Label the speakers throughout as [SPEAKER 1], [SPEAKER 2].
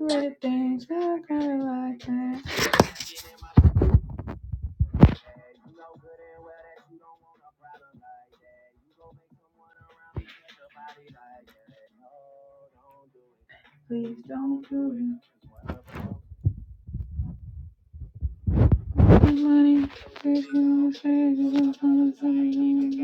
[SPEAKER 1] where the things are kind of like that. The money, if you don't say it, you don't wanna say you ain't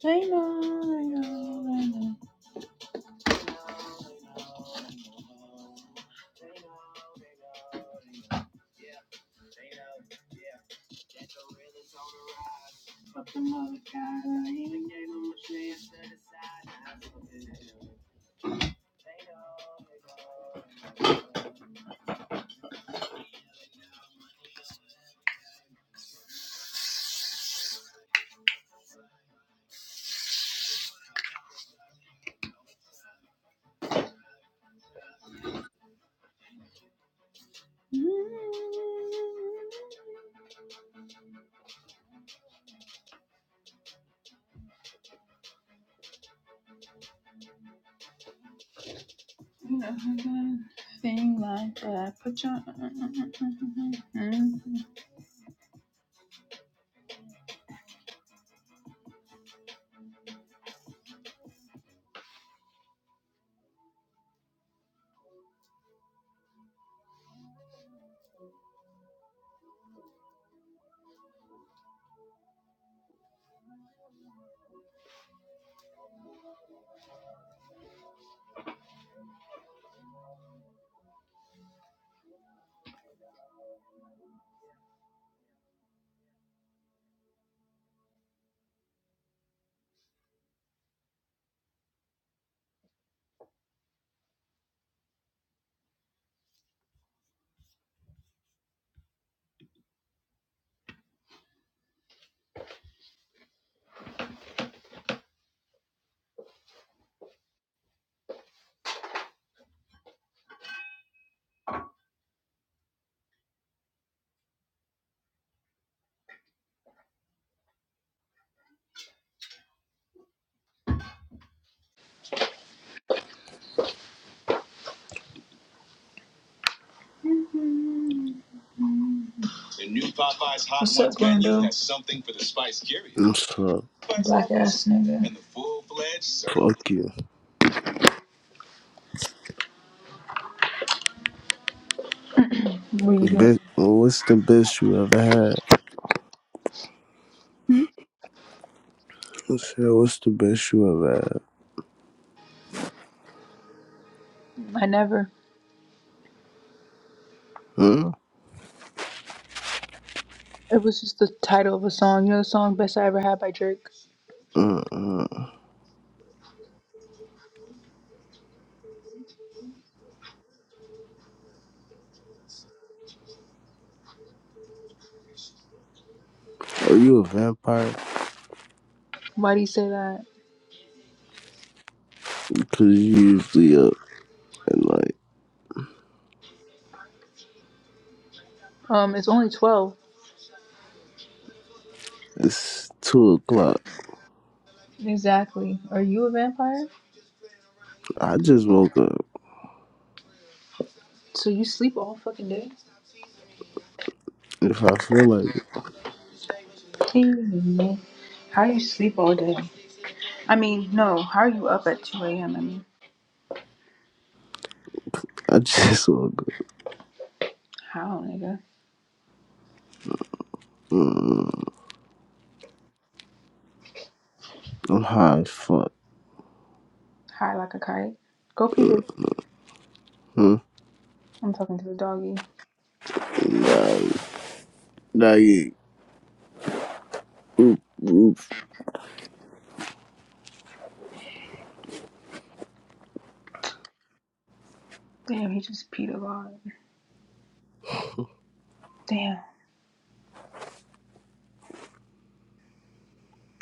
[SPEAKER 1] Say no. You know, I got a thing like that. Put your. What's up, Rondo?
[SPEAKER 2] So,
[SPEAKER 1] Black ass nigga.
[SPEAKER 2] fuck you.
[SPEAKER 1] Where you been?
[SPEAKER 2] Bitch, what's the best you ever had?
[SPEAKER 1] Hmm?
[SPEAKER 2] I said, what's the best you ever had?
[SPEAKER 1] I never.
[SPEAKER 2] Huh?
[SPEAKER 1] It was just the title of a song. You know the song "Best I Ever Had" by Drake.
[SPEAKER 2] Mm-mm. Are you a vampire?
[SPEAKER 1] Why do you say that?
[SPEAKER 2] Because you usually up at like,
[SPEAKER 1] Um, it's only twelve.
[SPEAKER 2] it's 2 o'clock.
[SPEAKER 1] Exactly. Are you a vampire?
[SPEAKER 2] I just woke up.
[SPEAKER 1] So you sleep all fucking day?
[SPEAKER 2] If I feel like it,
[SPEAKER 1] Hey, man. How you sleep all day? I mean, no. How are you up at 2 a.m.? I mean,
[SPEAKER 2] I just woke up.
[SPEAKER 1] how, nigga?
[SPEAKER 2] mm I'm high as fuck.
[SPEAKER 1] High like a kite. Go pee, baby.
[SPEAKER 2] Hmm?
[SPEAKER 1] I'm talking to the doggy.
[SPEAKER 2] Nah, yeah. Oop, oop.
[SPEAKER 1] Damn, he just peed a lot. Damn.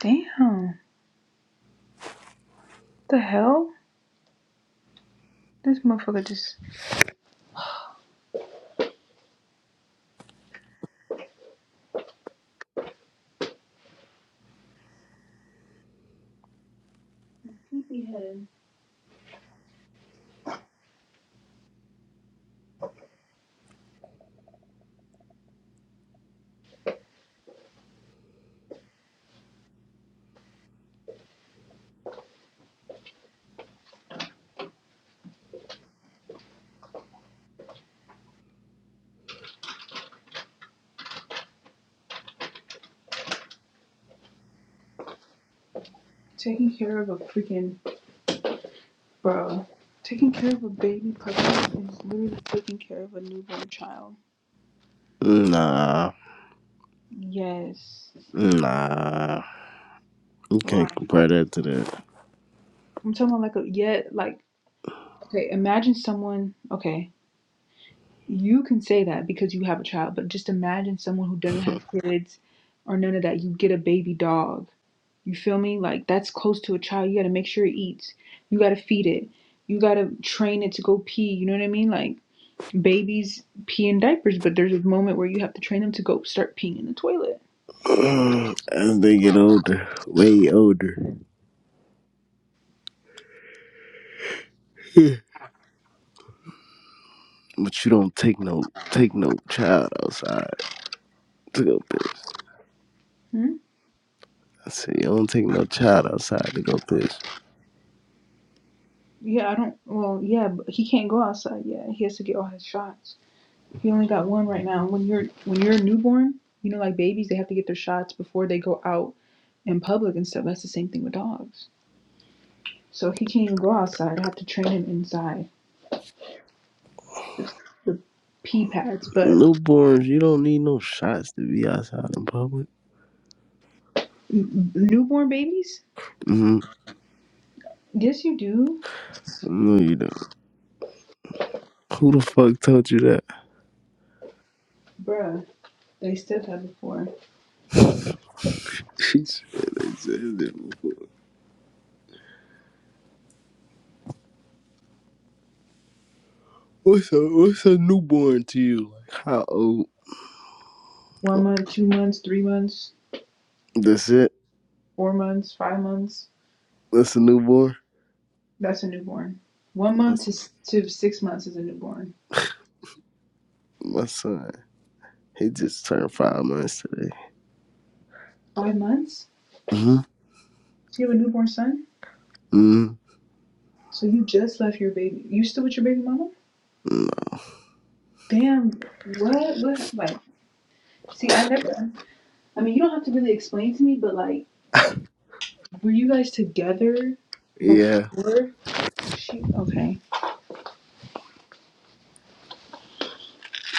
[SPEAKER 1] Damn. The hell? This motherfucker just taking care of a freaking bro. Taking care of a baby puppy is literally taking care of a newborn child.
[SPEAKER 2] Nah.
[SPEAKER 1] Yes.
[SPEAKER 2] Nah. You can't
[SPEAKER 1] Why?
[SPEAKER 2] compare that to that.
[SPEAKER 1] I'm talking about like a yet Okay, imagine someone, okay, you can say that because you have a child, but just imagine someone who doesn't have kids or none of that. You get a baby dog. You feel me? Like that's close to a child. You got to make sure it eats. You got to feed it. You got to train it to go pee. You know what I mean? Like babies pee in diapers, but there's a moment where you have to train them to go start peeing in the toilet.
[SPEAKER 2] As they get older, way older. but you don't take no take no child outside to go piss.
[SPEAKER 1] Hmm?
[SPEAKER 2] I said, you don't take no child outside to go piss.
[SPEAKER 1] Yeah, I don't, well, yeah, but he can't go outside yet. He has to get all his shots. You only got one right now. When you're when you're a newborn, you know, like babies, they have to get their shots before they go out in public and stuff. That's the same thing with dogs. So he can't even go outside. I have to train him inside. Pee pads, but
[SPEAKER 2] Newborns, you don't need no shots to be outside in public.
[SPEAKER 1] n- newborn babies?
[SPEAKER 2] hmm
[SPEAKER 1] Yes, you do,
[SPEAKER 2] No, you don't. Who the fuck told you that?
[SPEAKER 1] bruh. They still have it for
[SPEAKER 2] She said, they said that. what's a what's a newborn to you? Like how old?
[SPEAKER 1] one month, two months, three months,
[SPEAKER 2] That's it.
[SPEAKER 1] four months, five months.
[SPEAKER 2] That's a newborn.
[SPEAKER 1] That's a newborn. One
[SPEAKER 2] My,
[SPEAKER 1] month to s- to six months is a newborn.
[SPEAKER 2] my son, he just turned five months today.
[SPEAKER 1] Five months?
[SPEAKER 2] Mm-hmm.
[SPEAKER 1] So you have a newborn son?
[SPEAKER 2] Mm-hmm.
[SPEAKER 1] So you just left your baby. You still with your baby mama? Damn, what? What? Like, see, I never. I mean, you don't have to really explain to me, but like, were you guys together
[SPEAKER 2] Yeah.
[SPEAKER 1] before she? Okay,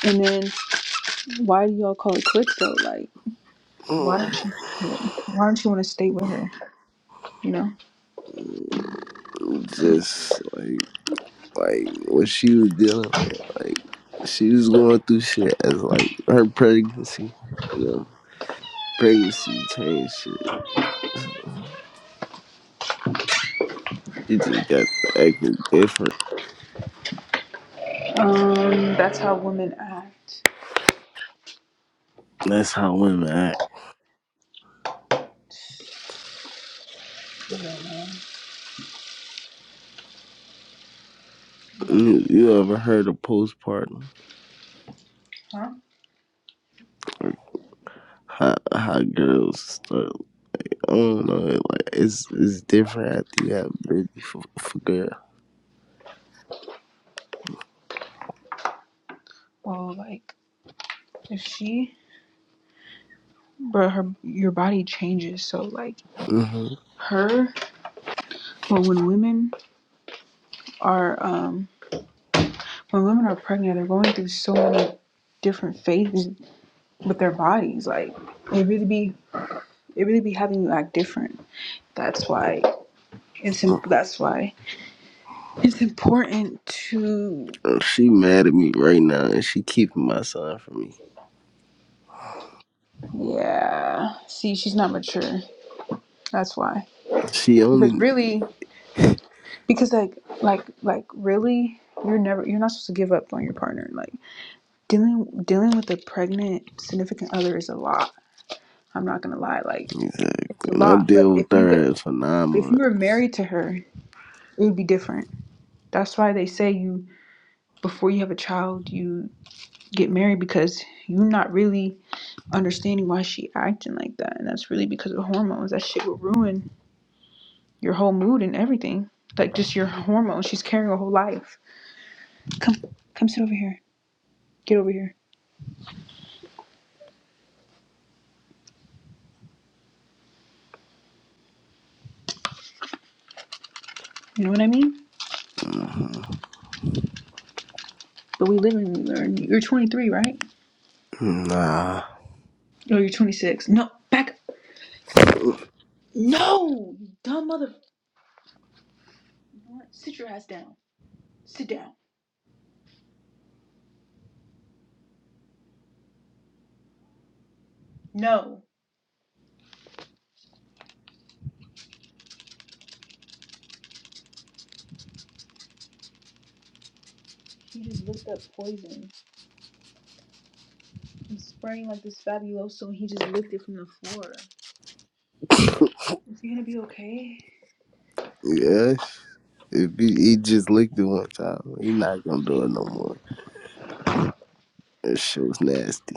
[SPEAKER 1] and then why do y'all call it quits though? Like, why
[SPEAKER 2] Mm.
[SPEAKER 1] don't you? yeah, Why don't you want to stay with her? You know?
[SPEAKER 2] just like like what she was dealing with. Like she was going through shit as like her pregnancy, you know. Pregnancy changed shit. She just got to acting different.
[SPEAKER 1] Um, that's how women act.
[SPEAKER 2] That's how women act.
[SPEAKER 1] You don't, you don't get
[SPEAKER 2] You,
[SPEAKER 1] it,
[SPEAKER 2] you ever heard of postpartum?
[SPEAKER 1] huh?
[SPEAKER 2] Like how how girls start? I don't know. Like it's it's different after you have a baby for for girl.
[SPEAKER 1] Well, like, if she, but her, your body changes. So like,
[SPEAKER 2] hmm
[SPEAKER 1] her. Well, when women are um when women are pregnant, they're going through so many different phases with their bodies. Like it really be it really be having you act different. That's why it's that's why it's important to
[SPEAKER 2] She mad at me right now, and she keeping my son from me.
[SPEAKER 1] yeah. See, she's not mature. That's why
[SPEAKER 2] She
[SPEAKER 1] because
[SPEAKER 2] only
[SPEAKER 1] really
[SPEAKER 2] exactly.
[SPEAKER 1] because like like like really you're never you're not supposed to give up on your partner. Like dealing dealing with a pregnant significant other is a lot. I'm not gonna lie. Like it's a
[SPEAKER 2] And I
[SPEAKER 1] lot. But
[SPEAKER 2] deal
[SPEAKER 1] if
[SPEAKER 2] with
[SPEAKER 1] you
[SPEAKER 2] her for nine
[SPEAKER 1] if you were
[SPEAKER 2] months.
[SPEAKER 1] married to her it would be different. That's why they say you before you have a child, you get married because you're not really understanding why she acting like that, and that's really because of hormones. That shit will ruin your whole mood and everything. Like just your hormones. She's carrying a whole life. Come, come sit over here. Get over here. You know what I mean?
[SPEAKER 2] hmm
[SPEAKER 1] But we live and we learn. You're 23, right?
[SPEAKER 2] Nah.
[SPEAKER 1] No, you're 26. No, back. No, you dumb mother. You know what? Sit your ass down. Sit down. No. You just looked up poison. I'm spraying like this fabuloso and he just lifted from the floor. Is he gonna be okay?
[SPEAKER 2] yes. If he, he just licked it one time, he not gonna do it no more. That shit was nasty.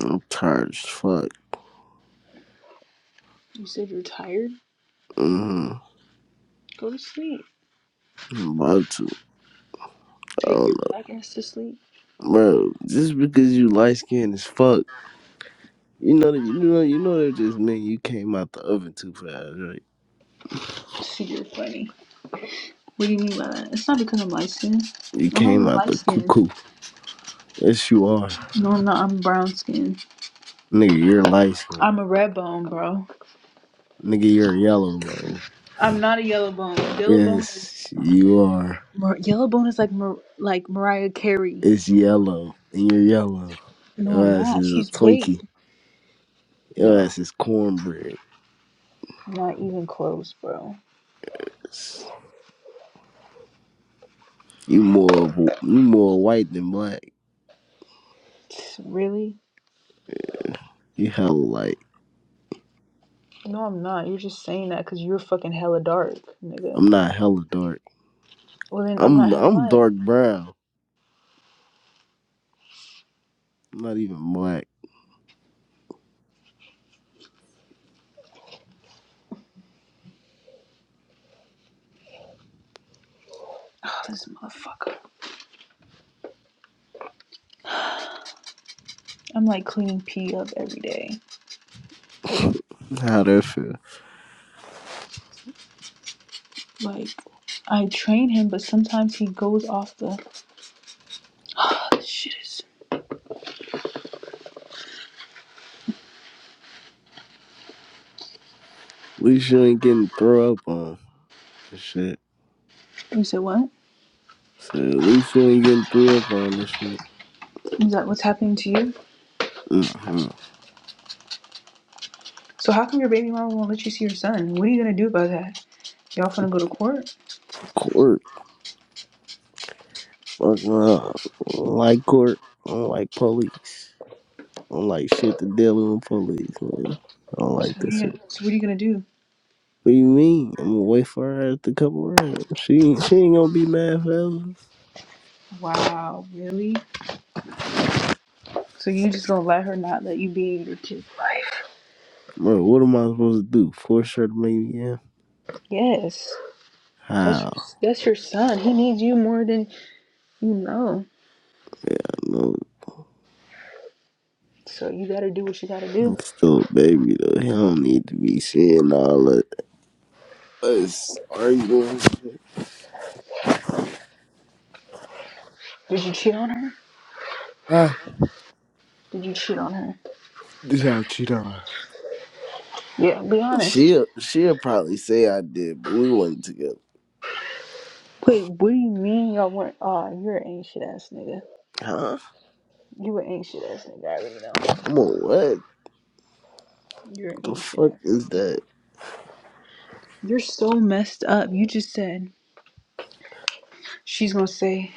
[SPEAKER 2] I'm tired as fuck.
[SPEAKER 1] You said you're tired?
[SPEAKER 2] hmm
[SPEAKER 1] Go to sleep.
[SPEAKER 2] I'm about to. I
[SPEAKER 1] Take
[SPEAKER 2] don't
[SPEAKER 1] your
[SPEAKER 2] know,
[SPEAKER 1] black ass to sleep.
[SPEAKER 2] bro. Just because you light skinned as fuck, you know that you know you know that just mean you came out the oven too fast, right?
[SPEAKER 1] See, you're funny. What do you mean by that? It's not because I'm light skinned.
[SPEAKER 2] You
[SPEAKER 1] I'm not
[SPEAKER 2] came
[SPEAKER 1] even
[SPEAKER 2] out
[SPEAKER 1] light
[SPEAKER 2] the
[SPEAKER 1] skinned.
[SPEAKER 2] cuckoo. Yes, you are.
[SPEAKER 1] No, I'm not. I'm brown skinned.
[SPEAKER 2] Nigga, you're light skinned.
[SPEAKER 1] I'm a red bone, bro.
[SPEAKER 2] Nigga, you're yellow, bro.
[SPEAKER 1] I'm not a yellow bone. Yellow bone is.
[SPEAKER 2] Yes, you are.
[SPEAKER 1] Mar- yellow bone is like Mar- like Mariah Carey.
[SPEAKER 2] It's yellow, and you're yellow.
[SPEAKER 1] No,
[SPEAKER 2] Your
[SPEAKER 1] I'm
[SPEAKER 2] ass
[SPEAKER 1] not.
[SPEAKER 2] is a
[SPEAKER 1] She's white.
[SPEAKER 2] Twinkie. Your
[SPEAKER 1] No,
[SPEAKER 2] ass is cornbread.
[SPEAKER 1] not even close, bro.
[SPEAKER 2] You more of a, you more white than black.
[SPEAKER 1] Really?
[SPEAKER 2] You hella light.
[SPEAKER 1] No, I'm not. You're just saying that because you're fucking hella dark, nigga.
[SPEAKER 2] I'm not hella dark.
[SPEAKER 1] Well, then I'm not
[SPEAKER 2] I'm
[SPEAKER 1] hella
[SPEAKER 2] I'm
[SPEAKER 1] light.
[SPEAKER 2] dark brown. I'm not even black.
[SPEAKER 1] Oh, this motherfucker. I'm like cleaning P up every day.
[SPEAKER 2] How that feel? At
[SPEAKER 1] Like, I train him, but sometimes he goes off the. Oh, this shit is.
[SPEAKER 2] least you ain't getting throw up on and shit.
[SPEAKER 1] You said what?
[SPEAKER 2] So at least you ain't getting threw up on and shit.
[SPEAKER 1] Is that what's happening to you?
[SPEAKER 2] hmm
[SPEAKER 1] So, how come your baby mama won't let you see your son? What are you gonna do about that? Y'all finna go to court?
[SPEAKER 2] Of Fucking up. I don't like court. I don't like police. I don't like shit to deal with police, man. I don't
[SPEAKER 1] So,
[SPEAKER 2] like
[SPEAKER 1] what are
[SPEAKER 2] this
[SPEAKER 1] you
[SPEAKER 2] shit.
[SPEAKER 1] gonna, so what are you gonna do?
[SPEAKER 2] What do you mean? I'm gonna wait for her to couple rounds. She ain't- she ain't gonna be mad forever.
[SPEAKER 1] Wow, really? So, you just gonna let her not let you be in your kid's life?
[SPEAKER 2] Bro, what am I supposed to do? Force her to make me in?
[SPEAKER 1] Yes. That's your,
[SPEAKER 2] How?
[SPEAKER 1] that's your son. He needs you more than You know.
[SPEAKER 2] I know.
[SPEAKER 1] So you gotta do what you gotta do.
[SPEAKER 2] I'm still a baby though. He don't need to be seeing all that. Us arguing. and shit.
[SPEAKER 1] Did you cheat on her?
[SPEAKER 2] Ah,
[SPEAKER 1] Did you cheat on her?
[SPEAKER 2] did I cheat on her?
[SPEAKER 1] Yeah, be honest.
[SPEAKER 2] She'll she'll probably say I did, but we wasn't together.
[SPEAKER 1] Wait, what do you mean y'all weren't? Aw, you're an ancient ass nigga.
[SPEAKER 2] Huh?
[SPEAKER 1] You an ancient ass nigga, I already know.
[SPEAKER 2] I'm on what?
[SPEAKER 1] You're an
[SPEAKER 2] The
[SPEAKER 1] ancient
[SPEAKER 2] fuck
[SPEAKER 1] ass
[SPEAKER 2] is
[SPEAKER 1] nigga.
[SPEAKER 2] that?
[SPEAKER 1] You're so messed up. You just said she's gonna say,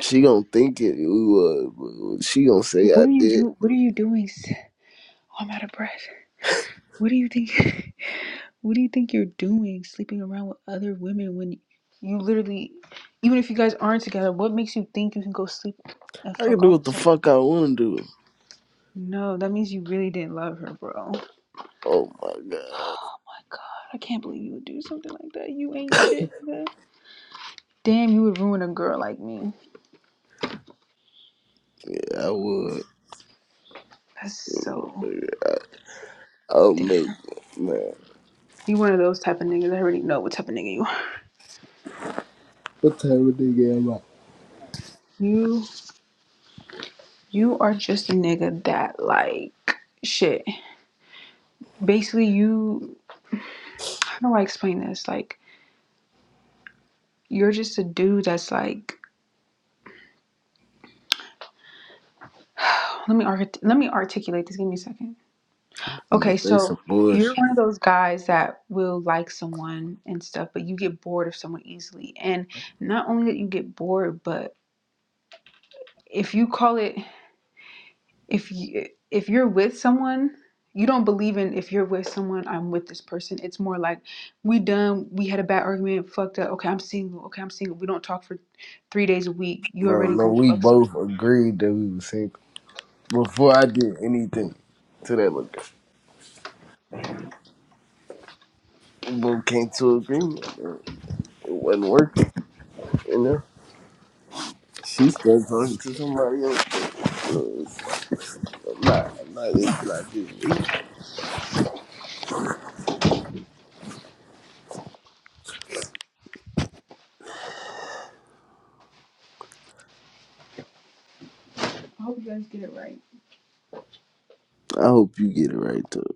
[SPEAKER 2] She gonna think it we was, she gonna say
[SPEAKER 1] "What
[SPEAKER 2] I
[SPEAKER 1] are you
[SPEAKER 2] did.
[SPEAKER 1] do? What are you doing?" s- Oh, I'm out of breath. What do you think? what do you think you're doing, sleeping around with other women when you literally, even if you guys aren't together, what makes you think you can go sleep and
[SPEAKER 2] I can
[SPEAKER 1] fuck
[SPEAKER 2] do what the
[SPEAKER 1] off?
[SPEAKER 2] fuck I wanna do.
[SPEAKER 1] No, that means you really didn't love her, bro. Oh my
[SPEAKER 2] Oh my god.
[SPEAKER 1] god, I can't believe you would do something like that. You ain't shit, nigga. Damn, you would ruin a girl like me.
[SPEAKER 2] Yeah, I would.
[SPEAKER 1] That's so
[SPEAKER 2] I, I'll
[SPEAKER 1] damn.
[SPEAKER 2] make it, man.
[SPEAKER 1] You one of those type of niggas. I already know what type of nigga you are.
[SPEAKER 2] What type of nigga am I?
[SPEAKER 1] You you are just a nigga that like shit. Basically, you how do I explain this? Like you're just a dude that's like. Let me arch- let me articulate this. Give me a second
[SPEAKER 2] I'm gonna
[SPEAKER 1] Okay,
[SPEAKER 2] say
[SPEAKER 1] so
[SPEAKER 2] some
[SPEAKER 1] you're
[SPEAKER 2] bullshit.
[SPEAKER 1] one of those guys that will like someone and stuff, but you get bored of someone easily. And not only that you get bored, but if you call it if you if you're with someone, you don't believe in if you're with someone, I'm with this person. It's more like we done, we had a bad argument, fucked up. Okay, I'm single. Okay, I'm single. We don't talk for three days a week. You
[SPEAKER 2] Bro,
[SPEAKER 1] already
[SPEAKER 2] no,
[SPEAKER 1] gonna
[SPEAKER 2] we
[SPEAKER 1] fuck something.
[SPEAKER 2] both agreed that we was single. Before I did anything to that look. We both came to agreement, bro. It wasn't working, you know? She still talking to somebody else. I'm not, I'm not into like this.
[SPEAKER 1] I hope you guys get it right.
[SPEAKER 2] I hope you get it right though.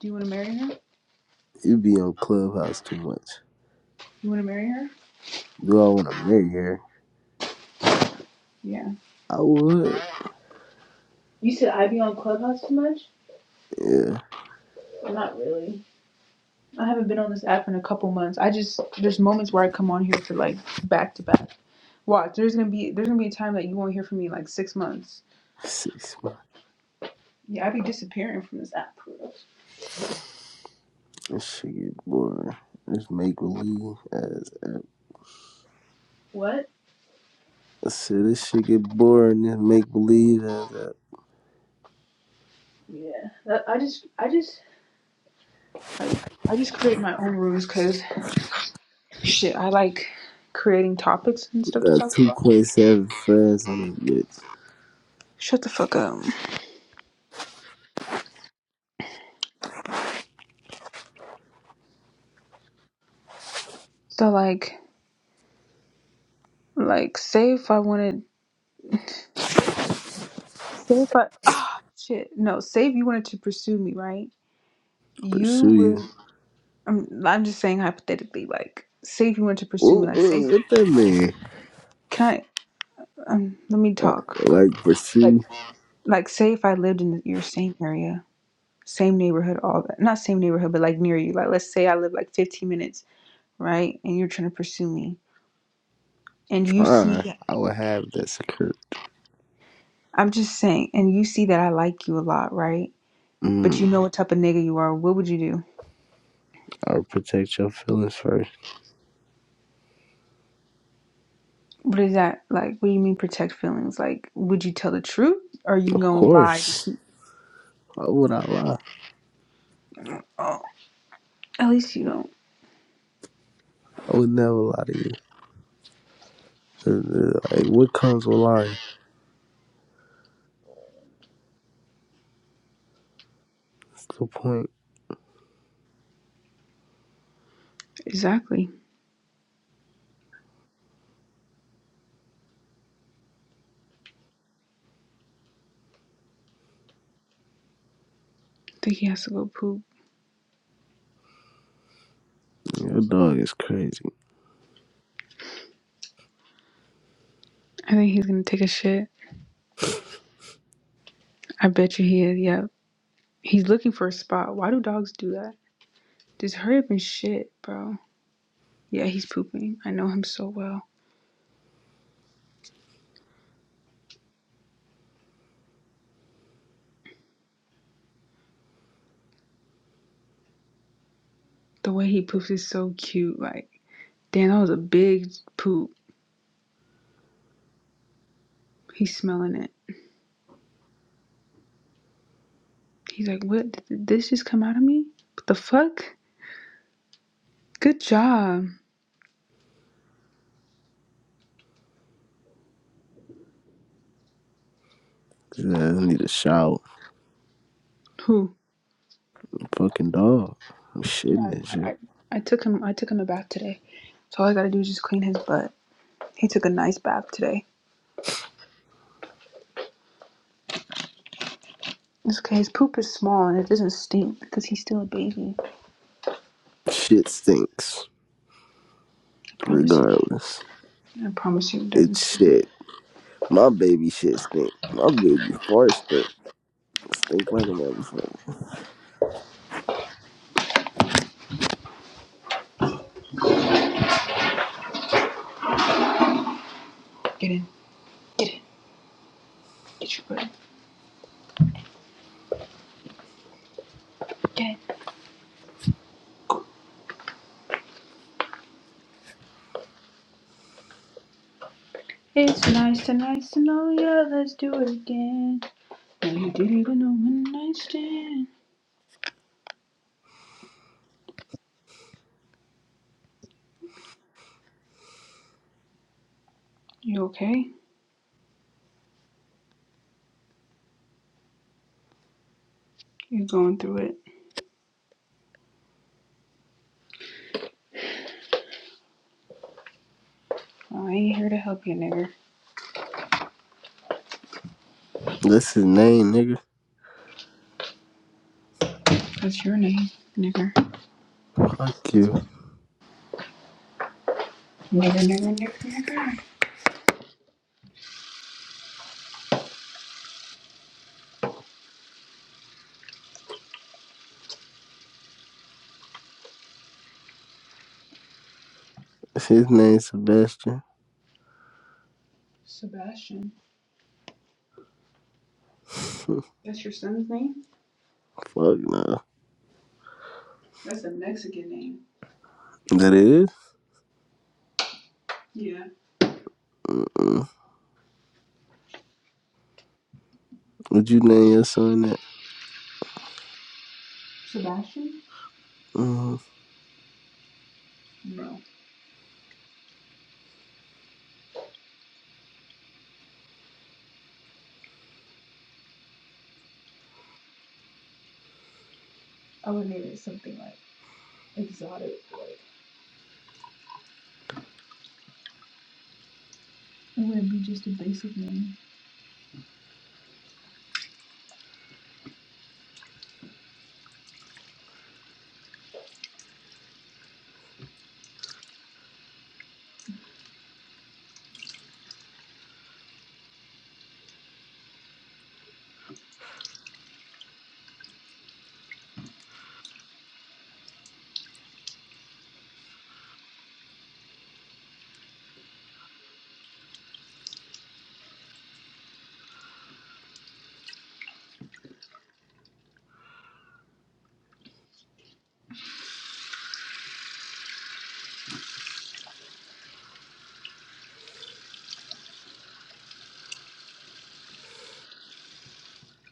[SPEAKER 1] Do you want to marry her?
[SPEAKER 2] You be on Clubhouse too much.
[SPEAKER 1] You want to marry her?
[SPEAKER 2] Do I want to marry her?
[SPEAKER 1] Yeah.
[SPEAKER 2] I would.
[SPEAKER 1] You said I be on Clubhouse too much?
[SPEAKER 2] Yeah.
[SPEAKER 1] Not really. I haven't been on this app in a couple months. I just there's moments where I come on here for like back to back. Watch, there's gonna be there's gonna be a time that you won't hear from me in like six months.
[SPEAKER 2] Six months.
[SPEAKER 1] Yeah, I be disappearing from this app.
[SPEAKER 2] This shit get boring. This make believe as app.
[SPEAKER 1] What?
[SPEAKER 2] I said this shit get boring. This make believe as app.
[SPEAKER 1] Yeah, that, I just I just like I just create my own rules because shit, I like creating topics and
[SPEAKER 2] We
[SPEAKER 1] stuff to
[SPEAKER 2] got
[SPEAKER 1] talk
[SPEAKER 2] two
[SPEAKER 1] about.
[SPEAKER 2] point seven friends on this bitch.
[SPEAKER 1] Shut the fuck up. So like like say if I wanted say if I ah shit no say if you wanted to pursue me right you
[SPEAKER 2] Pursue
[SPEAKER 1] would.
[SPEAKER 2] you.
[SPEAKER 1] I'm, I'm just saying hypothetically, like, say if you went to pursue me,
[SPEAKER 2] What,
[SPEAKER 1] like, say,
[SPEAKER 2] what, what that mean?
[SPEAKER 1] can I, um, let me
[SPEAKER 2] Like,
[SPEAKER 1] talk for,
[SPEAKER 2] like
[SPEAKER 1] like,
[SPEAKER 2] pursue
[SPEAKER 1] like, say if I lived in your same area, same neighborhood, all that, not same neighborhood, but like near you, like, let's say I live like 15 minutes, right? And you're trying to pursue me, and you see,
[SPEAKER 2] Fine. I would have that secret.
[SPEAKER 1] I'm just saying, and you see that I like you a lot, right? But
[SPEAKER 2] Mm,
[SPEAKER 1] you know what type of nigga you are, what would you do?
[SPEAKER 2] I would protect your feelings first.
[SPEAKER 1] What is that, like, what do you mean protect feelings? Like, would you tell the truth, or you
[SPEAKER 2] Of
[SPEAKER 1] gonna lie?
[SPEAKER 2] course. Why would I lie?
[SPEAKER 1] Oh, at least you don't.
[SPEAKER 2] I would never lie to you. Uh, uh, Like, what comes with lying? What's the point?
[SPEAKER 1] Exactly. think he has to go poop.
[SPEAKER 2] Your dog is crazy.
[SPEAKER 1] I think he's gonna take a shit. I bet you he is. Yep. He's looking for a spot. Why do dogs do that? Just hurry up and shit, bro. Yeah, he's pooping. I know him so well. The way he poops is so cute. Like, damn, that was a big poop. He's smelling it. He's like, what? Did this just come out of me? What the fuck? Good job.
[SPEAKER 2] Yeah, I need a shower.
[SPEAKER 1] Who?
[SPEAKER 2] Fucking dog. I'm shitting
[SPEAKER 1] No,
[SPEAKER 2] and
[SPEAKER 1] I,
[SPEAKER 2] shit.
[SPEAKER 1] I, I took him. I took him a bath today. So all I gotta do is just clean his butt. He took a nice bath today. It's okay. His poop is small and it doesn't stink because he's still a baby. I
[SPEAKER 2] Shit stinks.
[SPEAKER 1] promise you.
[SPEAKER 2] Regardless.
[SPEAKER 1] I promise you, it doesn't
[SPEAKER 2] It's
[SPEAKER 1] stink.
[SPEAKER 2] shit. My baby shit stink. My baby fart stink. Stink like a motherfucker.
[SPEAKER 1] Get in. Get in. Get your butt. Get in. It's nice to nice to know ya. Let's do it again. And you didn't even know when I stand. You okay? You going through it? Well, I ain't here to help you, nigger.
[SPEAKER 2] That's his name, nigga.
[SPEAKER 1] That's your name, nigger.
[SPEAKER 2] Fuck you.
[SPEAKER 1] Nigger, nigger, nigger, nigger.
[SPEAKER 2] His name's Sebastian.
[SPEAKER 1] Sebastian. That's your son's name.
[SPEAKER 2] Fuck nah.
[SPEAKER 1] That's a Mexican name.
[SPEAKER 2] That is?
[SPEAKER 1] Yeah.
[SPEAKER 2] Mm-mm. Would you name your son that?
[SPEAKER 1] Sebastian.
[SPEAKER 2] Mm.
[SPEAKER 1] No. I would name it something like. Exotic. Like, It would be just a basic name.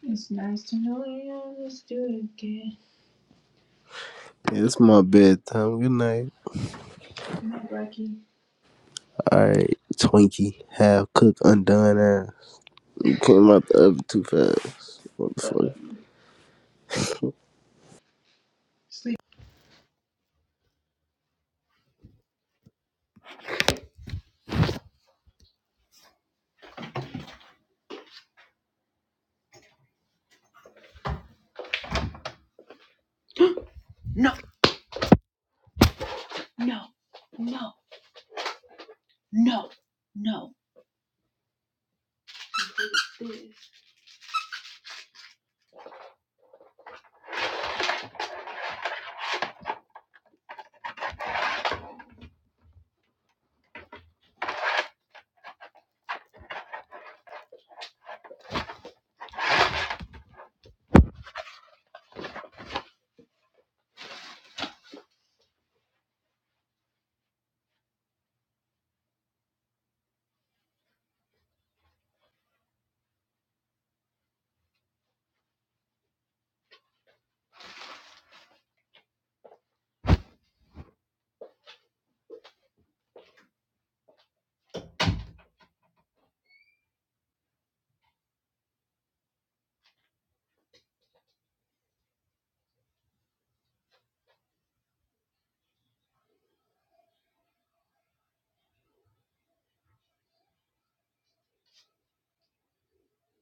[SPEAKER 1] it's nice to know you. Let's do it again.
[SPEAKER 2] Yeah, it's my bedtime. Good night.
[SPEAKER 1] Not Blackie.
[SPEAKER 2] All right, Twinkie, half cooked, undone ass. You came out the oven too fast. What the
[SPEAKER 1] Fuck
[SPEAKER 2] fuck?
[SPEAKER 1] you. Sleep. This.